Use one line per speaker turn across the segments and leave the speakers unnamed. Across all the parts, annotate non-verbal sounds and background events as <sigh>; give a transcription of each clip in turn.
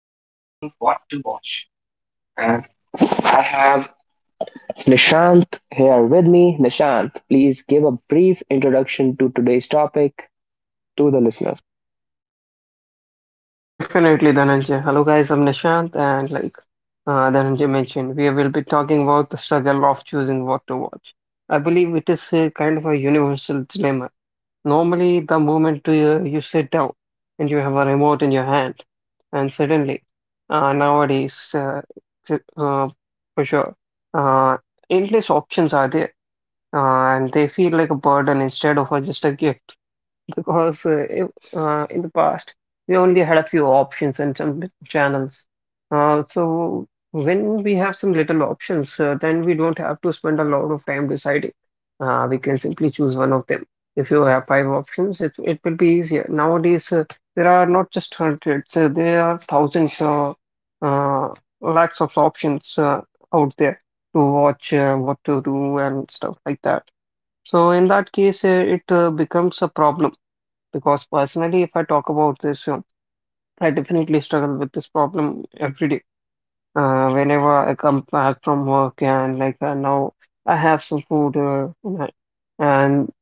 what to watch. And I have Nishant here with me. Nishant, please give a brief introduction to today's topic to the listener.
Definitely, Dhananjay. Hello, guys. I'm Nishant, and like Dhananjay mentioned, we will be talking about the struggle of choosing what to watch. I believe it is a kind of a universal dilemma. Normally, the moment you sit down and you have a remote in your hand, and nowadays, t- uh, for sure, uh, endless options are there, and they feel like a burden instead of just a gift because in the past we only had a few options and some channels. So when we have some little options, then we don't have to spend a lot of time deciding. We can simply choose one of them. If you have five options, it will be easier. Nowadays, there are not just hundreds, there are thousands, uh, lakhs of options out there to watch, what to do, and stuff like that. So in that case, it becomes a problem because personally, if I talk about this, I definitely struggle with this problem every day. Whenever I come back from work and like now I have some food, in hand, and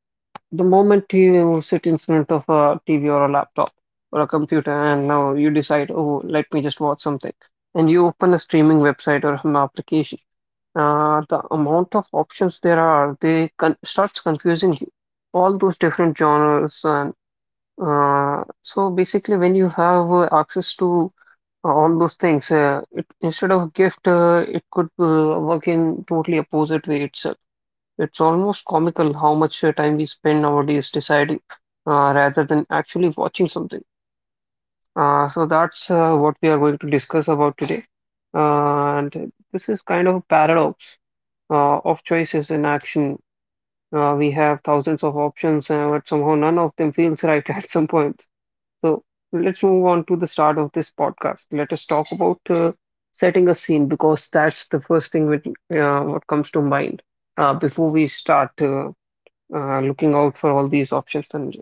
the moment you sit in front of a TV or a laptop or a computer, and now you decide, oh, let me just watch something, and you open a streaming website or an application, the amount of options there are, they con starts confusing you, all those different genres. And so basically, when you have access to all those things, instead of gift, it could work in totally opposite way itself. It's almost comical how much time we spend nowadays deciding, rather than actually watching something. So that's what we are going to discuss about today. And this is kind of a paradox of choices in action. We have thousands of options, but somehow none of them feels right <laughs> at some point. So let's move on to the start of this podcast. Let us talk about setting a scene, because that's the first thing which, what comes to mind before we start looking out for all these options. Dhananjay.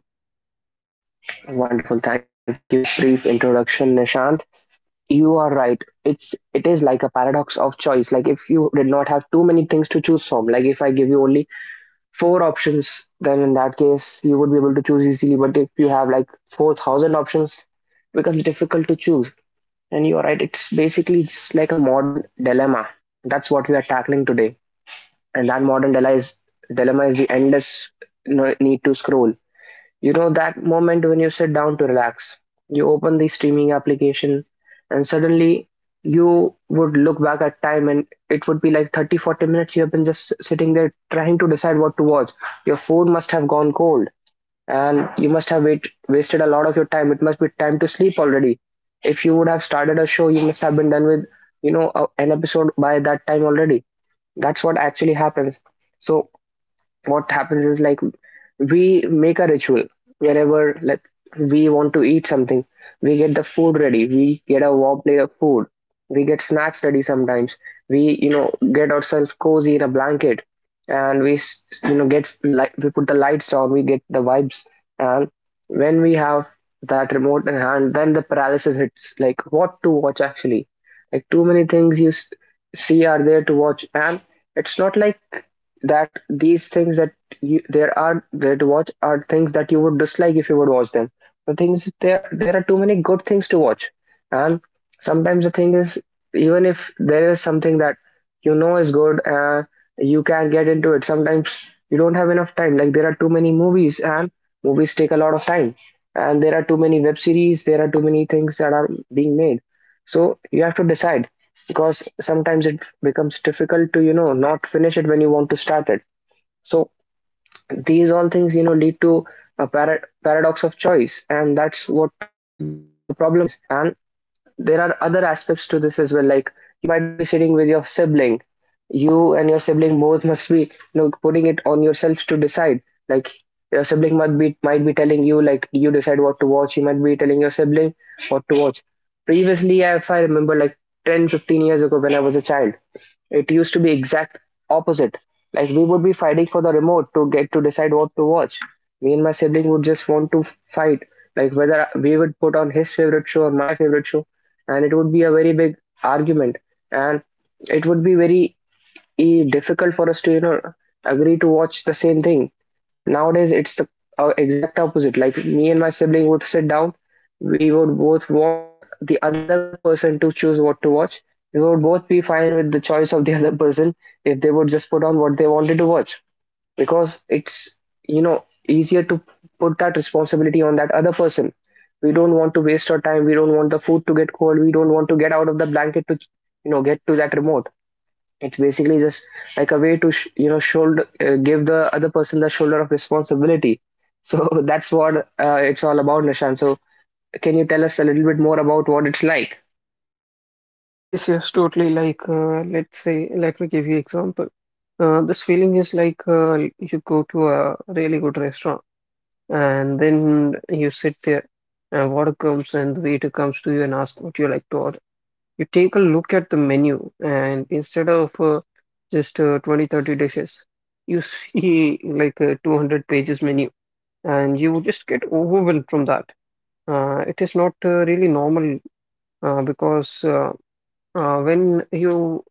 Wonderful. Thank you for that brief introduction, Nishant. You are right. It is like a paradox of choice. Like if you did not have too many things to choose from, like if I give you only four options, then in that case you would be able to choose easily. But if you have like 4,000 options, it becomes difficult to choose. And you are right, it's basically just like a modern dilemma. That's what we are tackling today. And that modern dilemma is the endless need to scroll. You know, that moment when you sit down to relax, you open the streaming application, and suddenly you would look back at time and it would be like 30, 40 minutes you have been just sitting there trying to decide what to watch. Your phone must have gone cold and you must have wasted a lot of your time. It must be time to sleep already. If you would have started a show, you must have been done with, you know, an episode by that time already. That's what actually happens. So what happens is like we make a ritual whenever like we want to eat something, we get the food ready, we get a warm plate of food, we get snacks ready, sometimes we, you know, get ourselves cozy in a blanket, and you know, get light, we put the lights on, we get the vibes, and when we have that remote in hand, then the paralysis hits, like what to watch actually. Like too many things you see are there to watch, and it's not like that these things that you, there are there to watch are things that you would dislike if you would watch them. The things there are too many good things to watch, and sometimes the thing is, even if there is something that, you know, is good, you can get into it. Sometimes you don't have enough time. Like there are too many movies, and movies take a lot of time, and there are too many web series. There are too many things that are being made, so you have to decide because sometimes it becomes difficult to, you know, not finish it when you want to start it. So these all things, you know, lead to a paradox of choice, and that's what the problem is. And there are other aspects to this as well. Like you might be sitting with your sibling, you and your sibling both must be, you know, putting it on yourselves to decide, like your sibling might be telling you, like you decide what to watch, you might be telling your sibling what to watch. Previously, if I remember, like 10, 15 years ago when I was a child, it used to be exact opposite. Like we would be fighting for the remote to get to decide what to watch. Me and my sibling would just want to fight, like whether we would put on his favorite show or my favorite show, and it would be a very big argument, and it would be very difficult for us to, you know, agree to watch the same thing. But nowadays it's the exact opposite. Like me and my sibling would sit down, we would both want the other person to choose what to watch, we would both be fine with the choice of the <laughs> other person if they would just put on what they wanted to watch, because it's, you know, easier to put that responsibility on that other person. We don't want to waste our time, we don't want the food to get cold, we don't want to get out of the blanket to, you know, get to that remote. It's basically just like a way to you know, shoulder, give the other person the shoulder of responsibility. So <laughs> that's what it's all about, Nishan. So can you tell us a little bit more about what it's like?
Yes, yes, totally. Let me give you example. This feeling is like you go to a really good restaurant, and then you sit there, and water comes, and the waiter comes to you and asks what you like to order. You take a look at the menu, and instead of just 20 30 dishes, you see <laughs> like a 200 pages menu, and you just get overwhelmed from that. It is not really normal because when you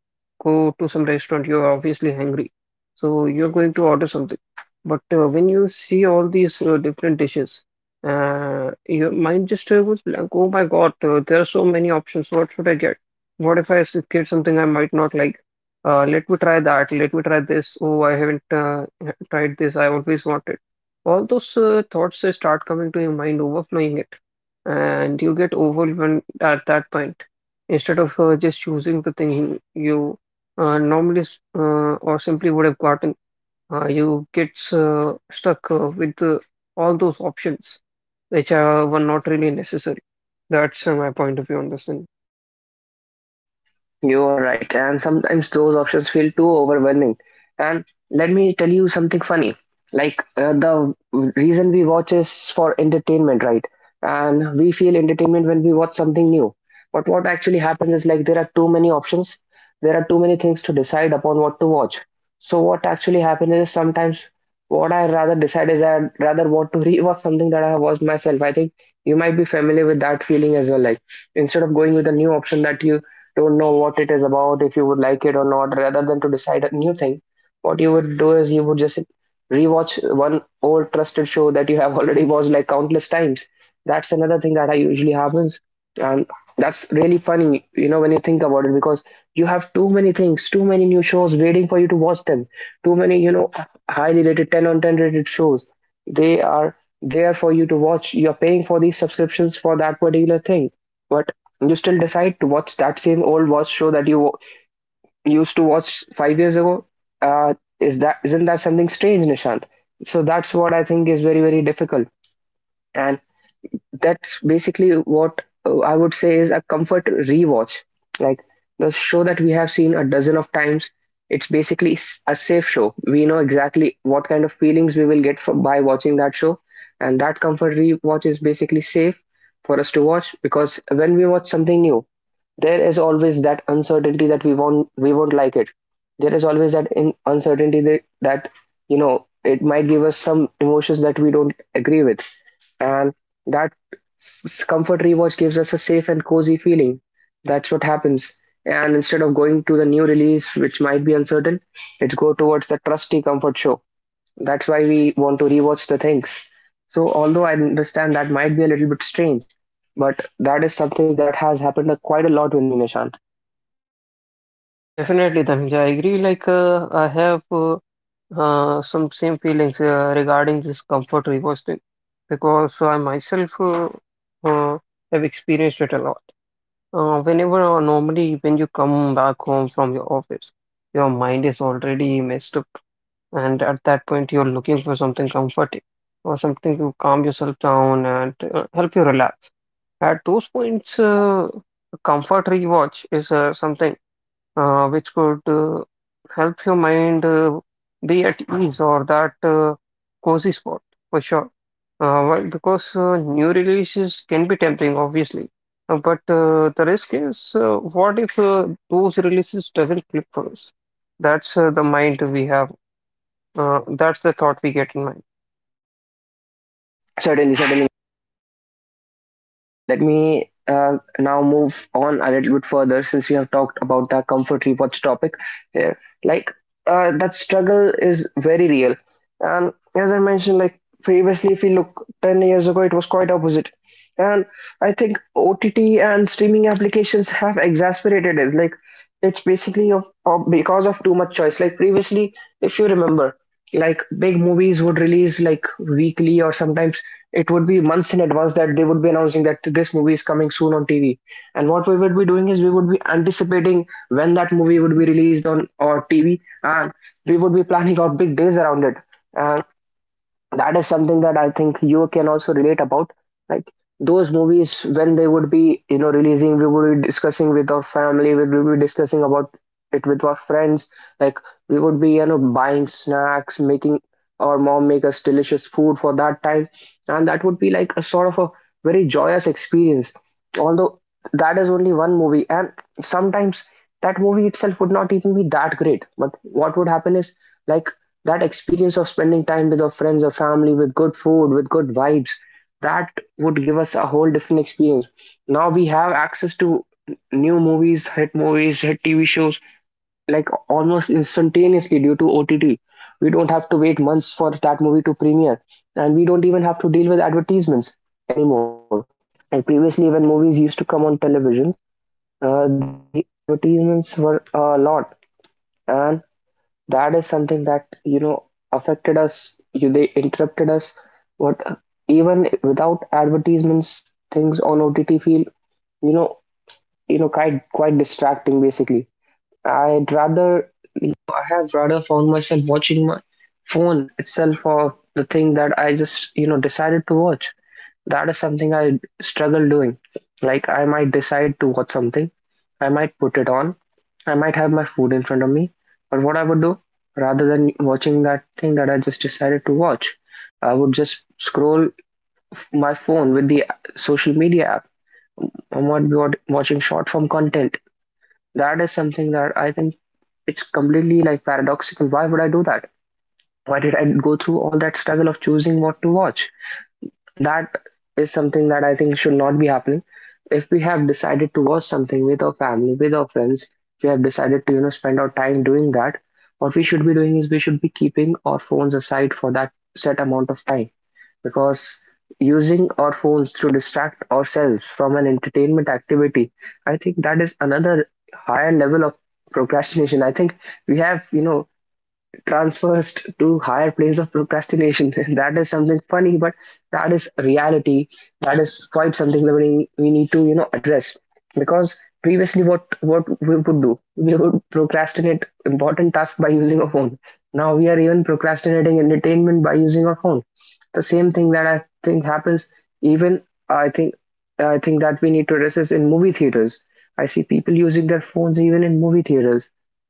go to some restaurant, you're obviously hungry, so you're going to order something. But when you see all these different dishes, your mind just goes blank. Oh my God, there are so many options. What should I get? What if I get something I might not like? Let me try that. Let me try this. Oh, I haven't tried this. I always wanted. All those thoughts start coming to your mind, overflowing it, and you get overwhelmed at that point, instead of just choosing the thing you normally s- or simply would have gotten, you get stuck with all those options were not really necessary. That's my point of view on this thing.
You're right, and sometimes those options feel too overwhelming. And let me tell you something funny. Like the reason we watch is for entertainment, right? And we feel entertainment when we watch something new. But what actually happens is, like, there are too many options, there are too many things to decide upon what to watch. So what actually happens is, sometimes what I rather decide is I rather want to <laughs> rewatch something that I have watched myself. I think you might be familiar with that feeling as well. Like, instead of going with a new option that you don't know what it is about, if you would like it or not, rather than to decide a new thing, what you would do is you would just rewatch one old trusted show that you have <laughs> already watched like countless times. That's another thing that I usually happens, and that's really funny, you know, when you think about it, because you have too many things, too many new shows waiting for you to watch them, too many, you know, highly rated 10 on 10 rated shows. They are there for you to watch. You're paying for these subscriptions for that particular thing, but you still decide to watch that same old watch show that you used to watch 5 years ago. uh, is that, isn't that something strange, Nishant? So that's what I think is very very difficult, and that's basically what I would say is a comfort rewatch. Like the show that we have seen a dozen of times, it's basically a safe show. We know exactly what kind of feelings we will get from by watching that show, and that comfort rewatch is basically safe for us to watch, because when we watch something new, there is always that uncertainty that we won't like it. There is always that in uncertainty that, you know, it might give us some emotions that we don't agree with, and that comfort rewatch gives us a safe and cozy feeling. That's what happens. And instead of going to the new release which might be uncertain, it's go towards the trusty comfort show. That's why we want to rewatch the things. So, although I understand that might be a little bit strange, but that is something that has happened quite a lot with me, Nishant.
Definitely, Dhananjay, I agree. Like, I have some same feelings regarding this comfort reverse thing, because I myself uh, have experienced it a lot. Whenever, or normally, when you come back home from your office, your mind is already messed up, and at that point you're looking for something comforting or something to calm yourself down and help you relax. At those points, a comfort rewatch is something which could help your mind be at <clears throat> ease, or that cozy spot for sure. Well, because new releases can be tempting, obviously. But the risk is, what if those releases doesn't click for us? That's the mind we have. That's the thought we get in mind.
Certainly, certainly. Let me now move on a little bit further, since we have talked about the comfort rewatch topic here. Like that struggle is very real, and as I mentioned, like previously, if you look 10 years ago, it was quite opposite. And I think OTT and streaming applications have exacerbated it. Like it's basically of because of too much choice. Like previously, if you remember, like big movies would release like weekly, or sometimes it would be months in advance that they would be announcing that this movie is coming soon on TV. And what we would be doing is we would be anticipating when that movie would be released on or TV, and we would be planning out big days around it. And that is something that I think you can also relate about. Like those movies, when they would be, you know, releasing, we would be discussing with our family, we would be discussing about it with our friends. Like we would be, you know, buying snacks, making our mom make us delicious food for that time, and that would be like a sort of a very joyous experience. Although that is only one movie, and sometimes that movie itself would not even be that great. But what would happen is, like, that experience of spending time with our friends or family with good food with good vibes, that would give us a whole different experience. Now we have access to new movies, hit movies, hit TV shows like almost instantaneously due to OTT. We don't have to wait months for that movie to premiere, and we don't even have to deal with advertisements anymore. And previously, when movies used to come on televisions, the advertisements were a lot, and that is something that, you know, affected us, you, they interrupted us. What, even without advertisements, things on OTT feel, you know, you know, quite distracting basically. I'd rather, you know, I have rather found myself watching my phone itself or the thing that I just, you know, decided to watch. That is something I struggle doing. Like, I might decide to watch something, I might put it on, I might have my food in front of me, but what I would do, rather than watching that thing that I just decided to watch, I would just scroll my phone with the social media app. I might be watching short form content. That is something that I think it's completely like paradoxical. Why would I do that? Why did I go through all that struggle of choosing what to watch? That is something that I think should not be happening. If we have decided to watch something with our family, with our friends, if we have decided to spend our time doing that. What we should be doing is we should be keeping our phones aside for that set amount of time, because using our phones to distract ourselves from an entertainment activity, I think that is another higher level of procrastination. I think we have transfers to higher planes of procrastination. <laughs> That is something funny, but that is reality. That is quite something that we need to address, because previously what we would do, we would procrastinate important tasks by using a phone. Now we are even procrastinating entertainment by using a phone. The same thing that I think happens even, I think I think that we need to address is in movie theaters. I see people using their phones even in movie theaters,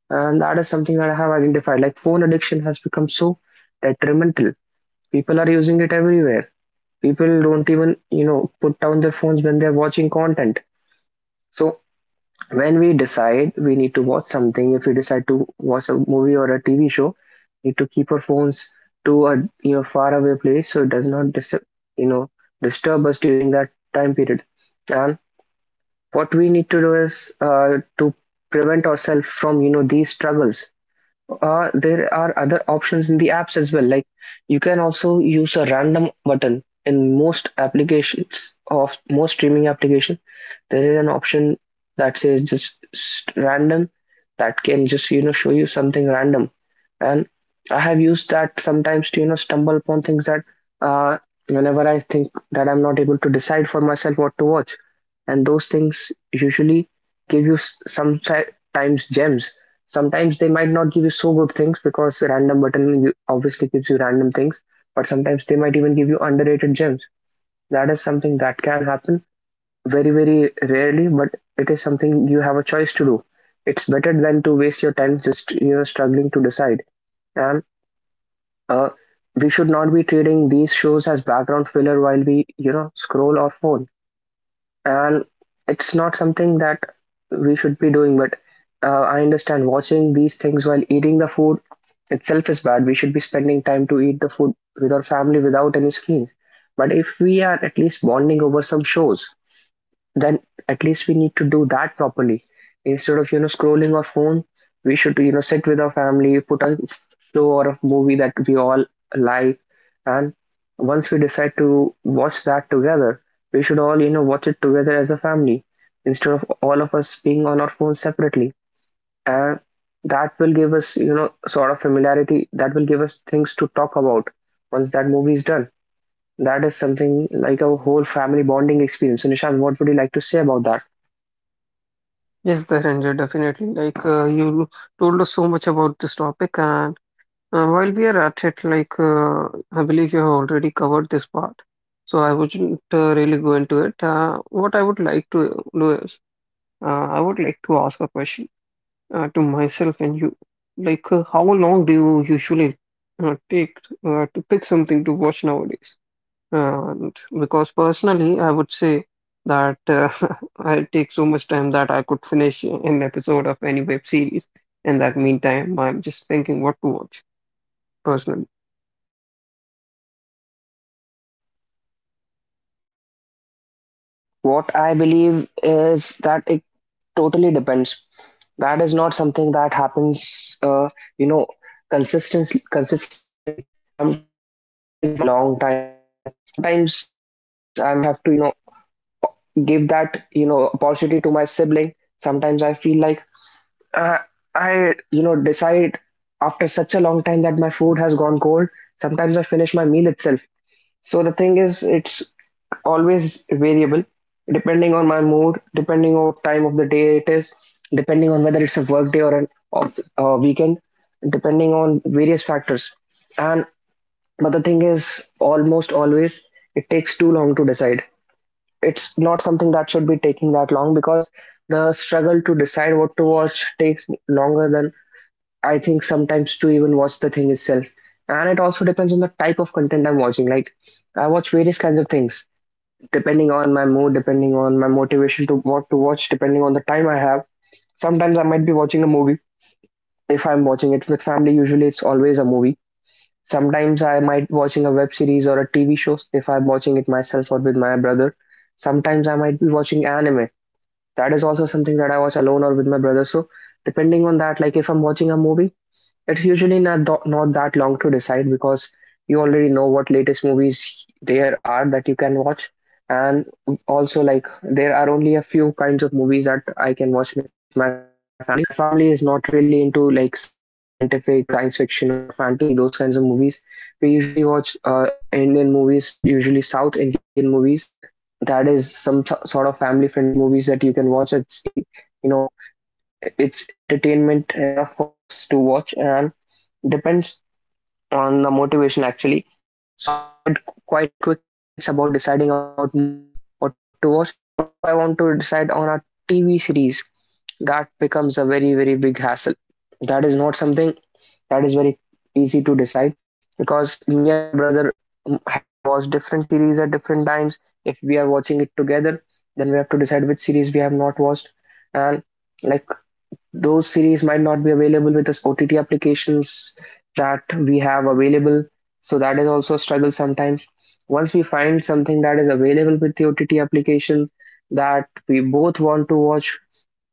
and that is something that I have identified. Like, phone addiction has become so detrimental. People are using it everywhere. People don't even, put down their phones when they're watching content. So when we decide we need to watch something, if we decide to watch a movie or a TV show, we need to keep our phones to a, far away place so it does not you know disturb us during that time period. And what we need to do is to prevent ourselves from, these struggles. There are other options in the apps as well. Like, you can also use a random button in most applications of most streaming application. There is an option that says just random, that can just show you something random. And I have used that sometimes to stumble upon things that, uh, whenever I think that I'm not able to decide for myself what to watch, and those things usually give you sometimes gems. Sometimes they might not give you so good things because random button obviously gives you random things, but sometimes they might even give you underrated gems. That is something that can happen very, very rarely, but it is something you have a choice to do. It's better than to waste your time just struggling to decide. And uh, we should not be treating these shows as background filler while we, scroll our phone, and it's not something that we should be doing. But I understand watching these things while eating the food itself is bad. We should be spending time to eat the food with our family without any screens, but if we are at least bonding over some shows, then at least we need to do that properly instead of, scrolling our phone. We should, sit with our family, put a show or a movie that we all like, and once we decide to watch that together, we should all, watch it together as a family instead of all of us being on our phones separately. And that will give us, sort of familiarity, that will give us things to talk about once that movie is done. That is something like a whole family bonding experience. So Nishant, what would you like to say about that?
Yes, Dhananjay, definitely. You told us so much about this topic, and while we are at it, I believe you have already covered this part, so I wouldn't really go into it. What I would like to do is, I would like to ask a question to myself and you. How long do you usually take to pick something to watch nowadays? And because personally, I would say that <laughs> I take so much time that I could finish an episode of any web series. In that meantime, I'm just thinking what to watch personally.
What I believe is that it totally depends. That is not something that happens, you know, consistently. Consistently, sometimes I might take a long time. Sometimes I might have to, give that, opportunity to my sibling. Sometimes I feel like, uh, I decide after such a long time that my food has gone cold. Sometimes I finish my meal itself. So the thing is, it's always variable, depending on my mood, depending on what time of the day it is, depending on whether it's a work day or an off weekend, depending on various factors. And but the thing is, almost always it takes too long to decide. It's not something that should be taking that long, because the struggle to decide what to watch takes longer than I think sometimes to even watch the thing itself. And it also depends on the type of content I'm watching. Like, I watch various kinds of things depending on my mood, depending on my motivation to what to watch, depending on the time I have. Sometimes I might be watching a movie. If I'm watching it with family, usually it's always a movie. Sometimes I might watching a web series or a TV show if I'm watching it myself or with my brother. Sometimes I might be watching anime. That is also something that I watch alone or with my brother. So depending on that, like if I'm watching a movie, it's usually not that long to decide, because you already know what latest movies there are that you can watch, and also, like, there are only a few kinds of movies that I can watch with my family. My family is not really into like scientific or science fiction or fantasy, those kinds of movies. We usually watch Indian movies, usually South Indian movies. That is some sort of family friendly movies that you can watch. It's e- you know It's entertainment enough for us to watch, and depends on the motivation actually. So I can decide quite quickly when it's about deciding about movies what to watch. But if I want to decide on a TV series, that becomes a very, very big hassle. That is not something that is very easy to decide, because me and my brother, have watched different series at different times. If we are watching it together, then we have to decide which series we have not watched, and, like, those series might not be available with the OTT applications that we have available. So that is also a struggle sometimes. Once we find something that is available with the OTT application that we both want to watch,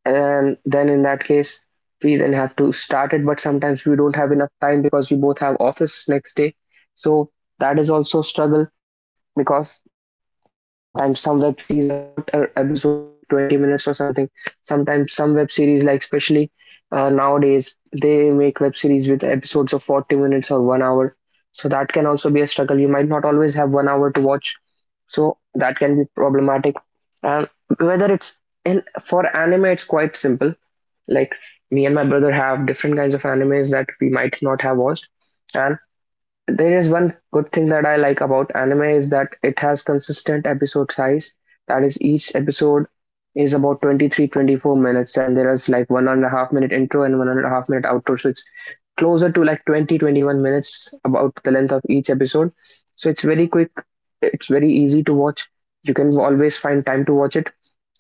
and then in that case, we then have to start it. But sometimes we don't have enough time because we both have office next day. So that is also a struggle, because sometimes some web series are short episodes, like 20 minutes or something. Sometimes some web series, like especially nowadays, they make web series with episodes of 40 minutes or 1 hour. So that can also be a struggle. You might not always have 1 hour to watch. So that can be problematic. And whether it's in for anime, it's quite simple. Like, me and my brother have different kinds of animes that we might not have watched, and there is one good thing that I like about anime is that it has consistent episode size. That is, each episode is about 23, 24 minutes, and there is like 1.5 minute intro and 1.5 minute outro. So it's closer to like 20, 21 minutes about the length of each episode. So it's very quick, it's very easy to watch. You can always find time to watch it.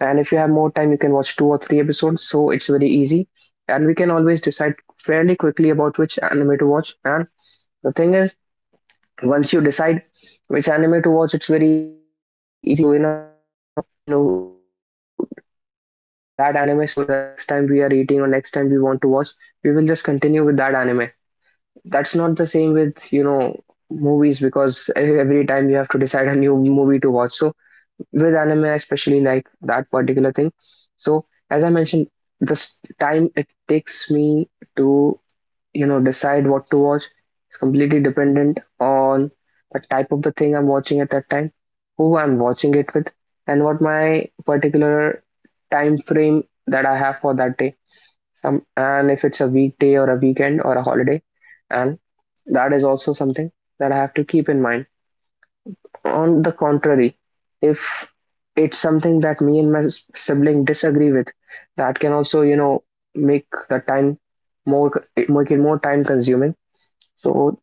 And if you have more time, you can watch 2 or 3 episodes. So it's very easy. And we can always decide fairly quickly about which anime to watch. And the thing is, once you decide which anime to watch, it's very easy for us to, you know continue on with that anime. So the next time we are eating, or next time we want to watch, we will just continue with that anime. That's not the same with, movies, because every time you have to decide a new movie to watch. So with anime, I especially like that particular thing. So as I mentioned, this time it takes me to, decide what to watch. It's completely dependent on the type of the thing I'm watching at that time, who I'm watching it with, and what my particular time frame that I have for that day. Some, and if it's a weekday or a weekend or a holiday, and that is also something that I have to keep in mind. On the contrary, if it's something that me and my sibling disagree with, that can also, you know, make the time more, make it more time consuming. So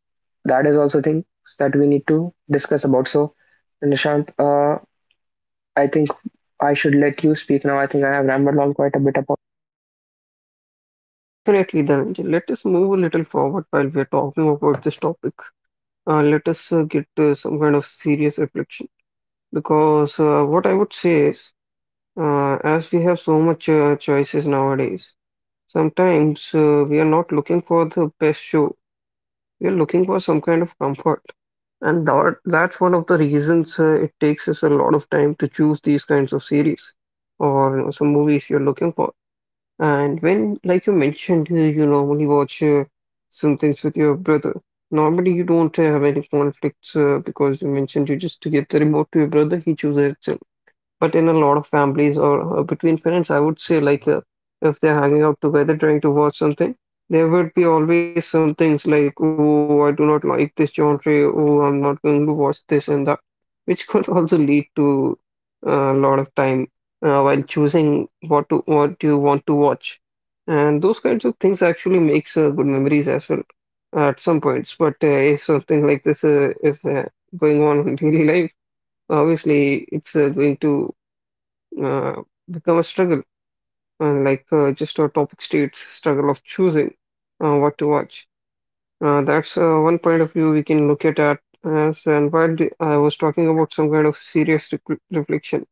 that is also things that we need to discuss about. So Nishant, I think I should let you speak now. I think I have rambled on quite a bit about.
Definitely, Dhananjay. Let us move a little forward while we are talking about this topic. Let us get some kind of serious reflection, because what I would say is, as we have so much choices nowadays, sometimes we are not looking for the best show. We are looking for some kind of comfort, and that's one of the reasons it takes us a lot of time to choose these kinds of series or, you know, some movies you're looking for. And when, like you mentioned, you normally watch some things with your brother. Normally, you don't have any conflicts because you mentioned you just give the remote to your brother, he chooses it. But in a lot of families or between parents, I would say if they're hanging out together trying to watch something, there would be always some things like, oh, I do not like this genre, oh, I'm not going to watch this and that, which could <laughs> also lead to a lot of time while choosing what you want to watch. And those kinds of things actually makes good memories as well at some points. But if something like this is going on <laughs> in daily life, obviously it's going to uh, become a struggle, just our topic states, struggle of choosing what to watch. That's one point of view we can look at as. And while I was talking about some kind of serious reflection,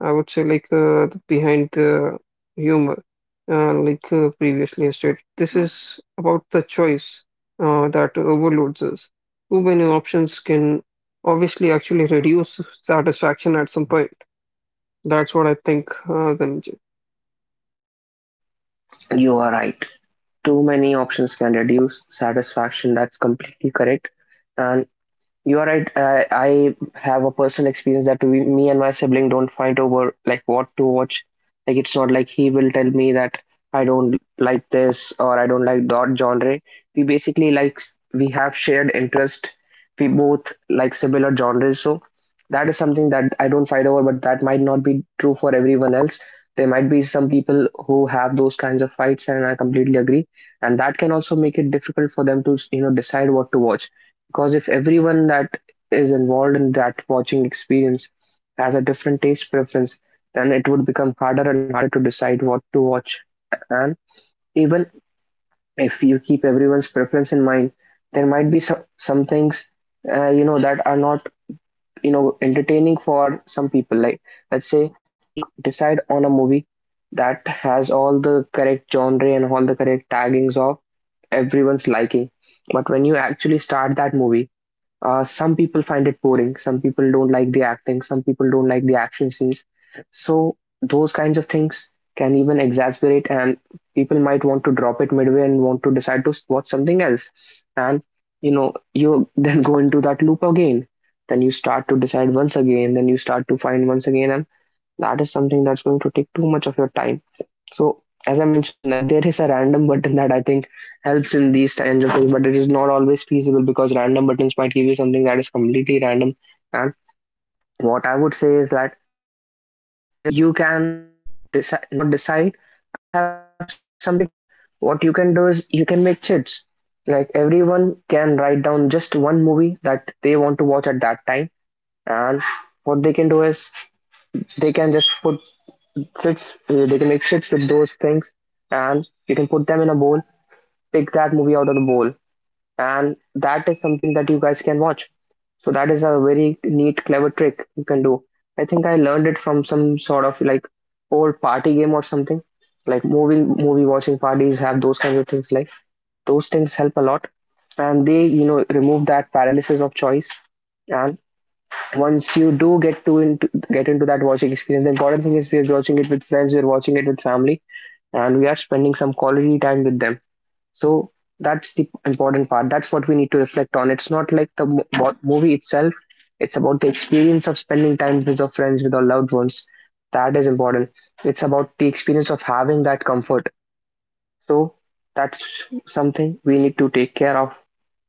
I would say the behind the humor, previously I stated, this is about the choice that overloads us. Too many options can obviously actually reduce satisfaction at some point. That's what I think, Dhananjay.
You are right. Too many options can reduce satisfaction. That's completely correct. And You are right. I have a personal experience that me and my sibling don't fight over, like, what to watch. Like, it's not like he will tell me that I don't like this or I don't like that genre. We basically like we have shared interest. We both like similar genres, so that is something that I don't fight over. But that might not be true for everyone else. There might be some people who have those kinds of fights, and I completely agree. And that can also make it difficult for them to, you know, decide what to watch, because if everyone that is involved in that watching experience has a different taste preference, then it would become harder and harder to decide what to watch, and even if you keep everyone's preference in mind, there might be some things you know, that are not, you know, entertaining for some people. Like, let's say you decide on a movie that has all the correct genre and all the correct taggings of everyone's liking, but when you actually start that movie, some people find it boring. Some people don't like the acting. Some people don't like the action scenes. So those kinds of things can even exasperate, and people might want to drop it midway and want to decide to watch something else. And you know, you <laughs> then go into that loop again. Then you start to decide once again. Then you start to find once again, and that is something that's going to take too much of your time. So as I mentioned, like, there is a random button that I think helps in these kinds of things, but it is not always feasible, because random buttons might give you something that is completely random. And what I would say is that if you can decide not decide, I have some tricks as well. Like, what you can do is you can make chits. Like, everyone can write down just one movie that they want to watch at that time, and what they can do is they can just put tricks, they can make shits with those things, and you can put them in a bowl, pick that movie out of the bowl, and that is something that you guys can watch. So that is a very neat, clever trick you can do. I think I learned it from some sort of like old party game or something. Like, movie watching parties have those kinds of things. Like, those things help a lot, and they, you know, remove that paralysis of choice. And once you do get into that watching experience, the important thing is we are watching it with friends, we are watching it with family, and we are spending some quality time with them. So that's the important part. That's what we need to reflect on. It's not like the movie itself. It's about the experience of spending time with your friends, with your loved ones. That is important. It's about the experience of having that comfort. So that's something we need to take care of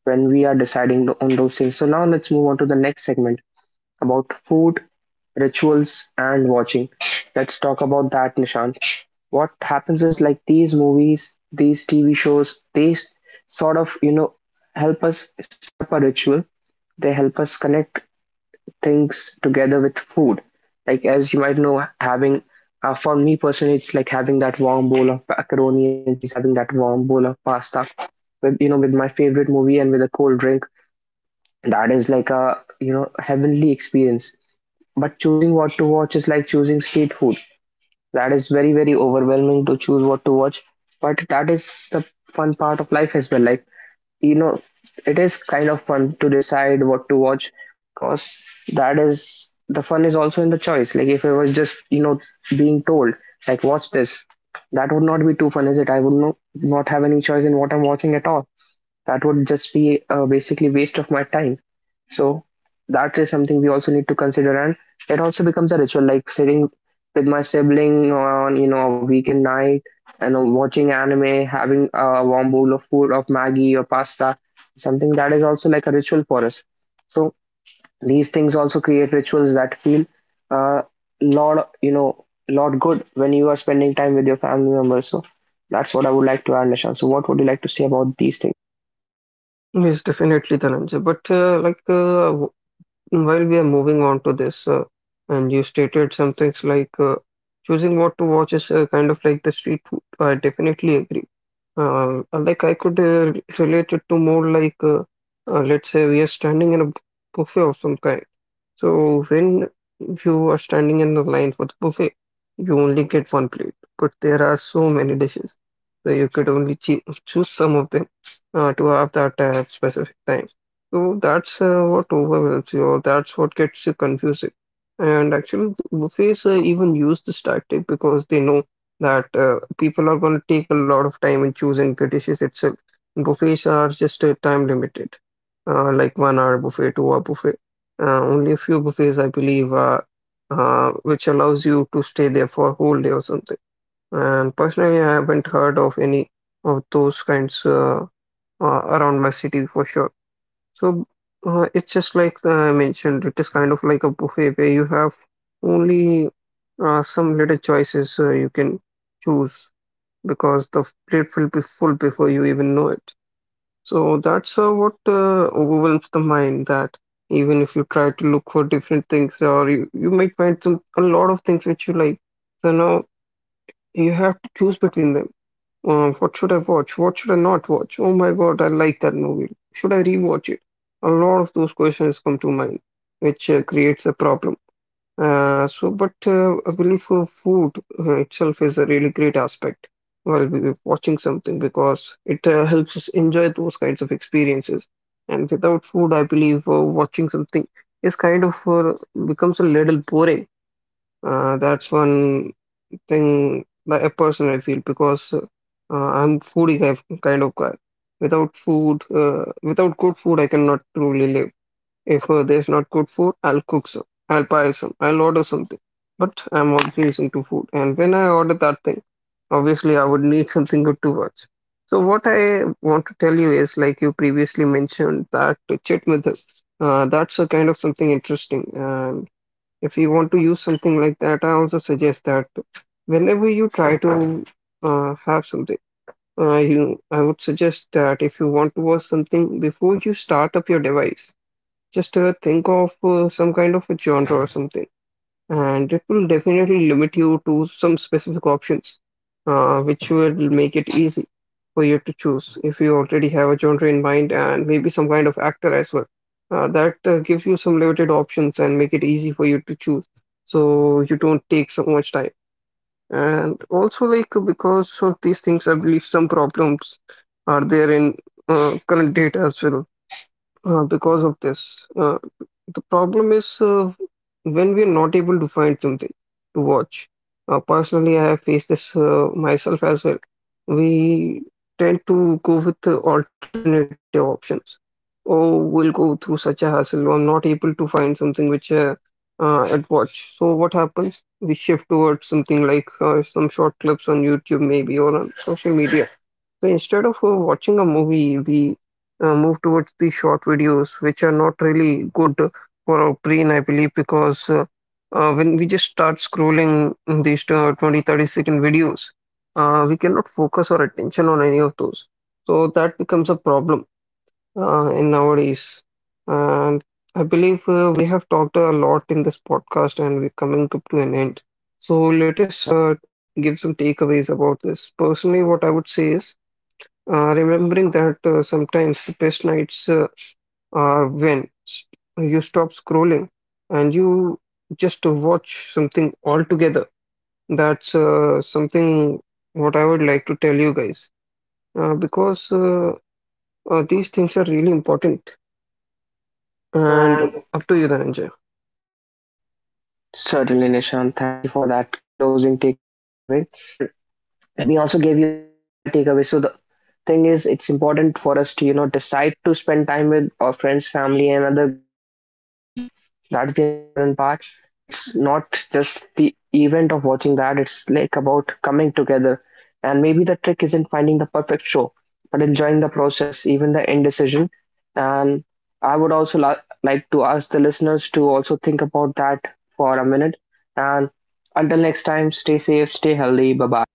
when we are on those things. So now let's move on to the next segment about food rituals and watching. Let's talk about that, Nishant. What happens is, like, these movies, these TV shows, they sort of, you know, help us set up a ritual. They help us connect things together with food. Like, as you might know, having for me personally, it's like having that warm bowl of macaroni and cheese, having that warm bowl of pasta with, you know, with my favorite movie and with a cold drink. That is like a, you know, heavenly experience. But choosing what to watch is like choosing street food. That is very, very overwhelming to choose what to watch. But that is the fun part of life as well. Like, you know, it is kind of fun to decide what to watch, because that is the fun is also in the choice. Like, if I was just, you know, being told, like, watch this, that would not be too fun, is it? I would not have any choice in what I'm watching at all. That would just be basically waste of my time. So that is something we also need to consider, and it also becomes a ritual, like sitting with my sibling on, you know, a weekend night, and watching anime, having a warm bowl of food of maggie or pasta, something that is also like a ritual for us. So these things also create rituals that feel uh, lot, you know, lot good when you are spending time with your family members. So that's what I would like to add, Nishan. So what would you like to say about these
Yes, definitely, Dhananjay. While we are moving on to this, and you stated some things like choosing what to watch is kind of like the street food. I definitely agree. I could relate it to more like let's say we are standing in a buffet of some kind. So when you are standing in the line for the buffet, you only get one plate, but there are so many dishes. So you could only choose some of them to have that specific time. So that's what overwhelms you, or that's what gets you confusing. And actually, the buffets even use this tactic because they know that people are going to take a lot of time in choosing the dishes itself. Buffets are just time limited, like 1 hour buffet, 2 hour buffet. Only a few buffets, I believe, which allows you to stay there for a whole day or something. And personally, I haven't heard of any of those kinds around my city for sure. So it's just like I mentioned, it is kind of like a buffet where you have only some little choices you can choose, because the plate will be full before you even know it. So that's what overwhelms the mind that even if you try to look for different things, or you might find some a lot of things which you like. So now you have to choose between them. What should I watch? What should I not watch? Oh my God, I like that movie. Should I rewatch it? A lot of those questions come to mind, which creates a problem. But I believe food itself is a really great aspect while we watching something, because it helps us enjoy those kinds of experiences. And without food, I believe watching something is kind of becomes a little boring. That's one thing that a person I feel, because uh, I'm foodie kind of guy. Without food, without good food, I cannot truly live. If there's not good food, I'll cook some. I'll buy some. I'll order something. But I'm always into food. And when I order that thing, obviously I would need <laughs> something good to watch. So what I want to tell you is, like you previously mentioned, that chit method. That's a kind of something interesting. And if you want to use something like that, I also suggest that whenever you try to have something, you I would suggest that if you want to watch something, before you start up your device, just think of some kind of a genre or something, and it will definitely limit you to some specific options, which will make it easy for you to choose if you already have a genre in mind and maybe some kind of actor as well. That gives you some limited options and make it easy for you to choose, so you don't take so much time. And also, like because of these things, I believe some problems are there in current data as well, because of this. The problem is, when we are not able to find something to watch. Personally, I have faced this myself as well. We tend to go with the alternative options. Oh, we'll go through such a hassle. I'm not able to find something which I'd watch. So what happens? We shift towards something like some short clips on YouTube, maybe, or on social media. So instead of watching a movie, we move towards the short videos, which are not really good for our brain, I believe, because when we just start scrolling these 20, 30-second videos, we cannot focus our attention on any of those. So that becomes a problem in nowadays. And I believe we have talked a lot in this podcast, and we're coming up to an end. So let us give some takeaways about this. Personally, what I would say is, remembering that sometimes the best nights are when you stop scrolling and you just watch something altogether. That's something what I would like to tell you guys, because these things are really important. And up to
things?
you, Dhananjay.
Certainly, Nishan. Thank you for that closing takeaway. And let me also give you my takeaway. So the thing is, it's important for us to, you know, decide to spend time with our friends, family, and other loved ones. That's the important part. It's not just the event of watching that. It's like about coming together. And maybe the trick isn't finding the perfect show, but enjoying the process, even the indecision. And I would also like to ask the listeners to also think about that for a minute. And until next time, stay safe, stay healthy. Bye bye.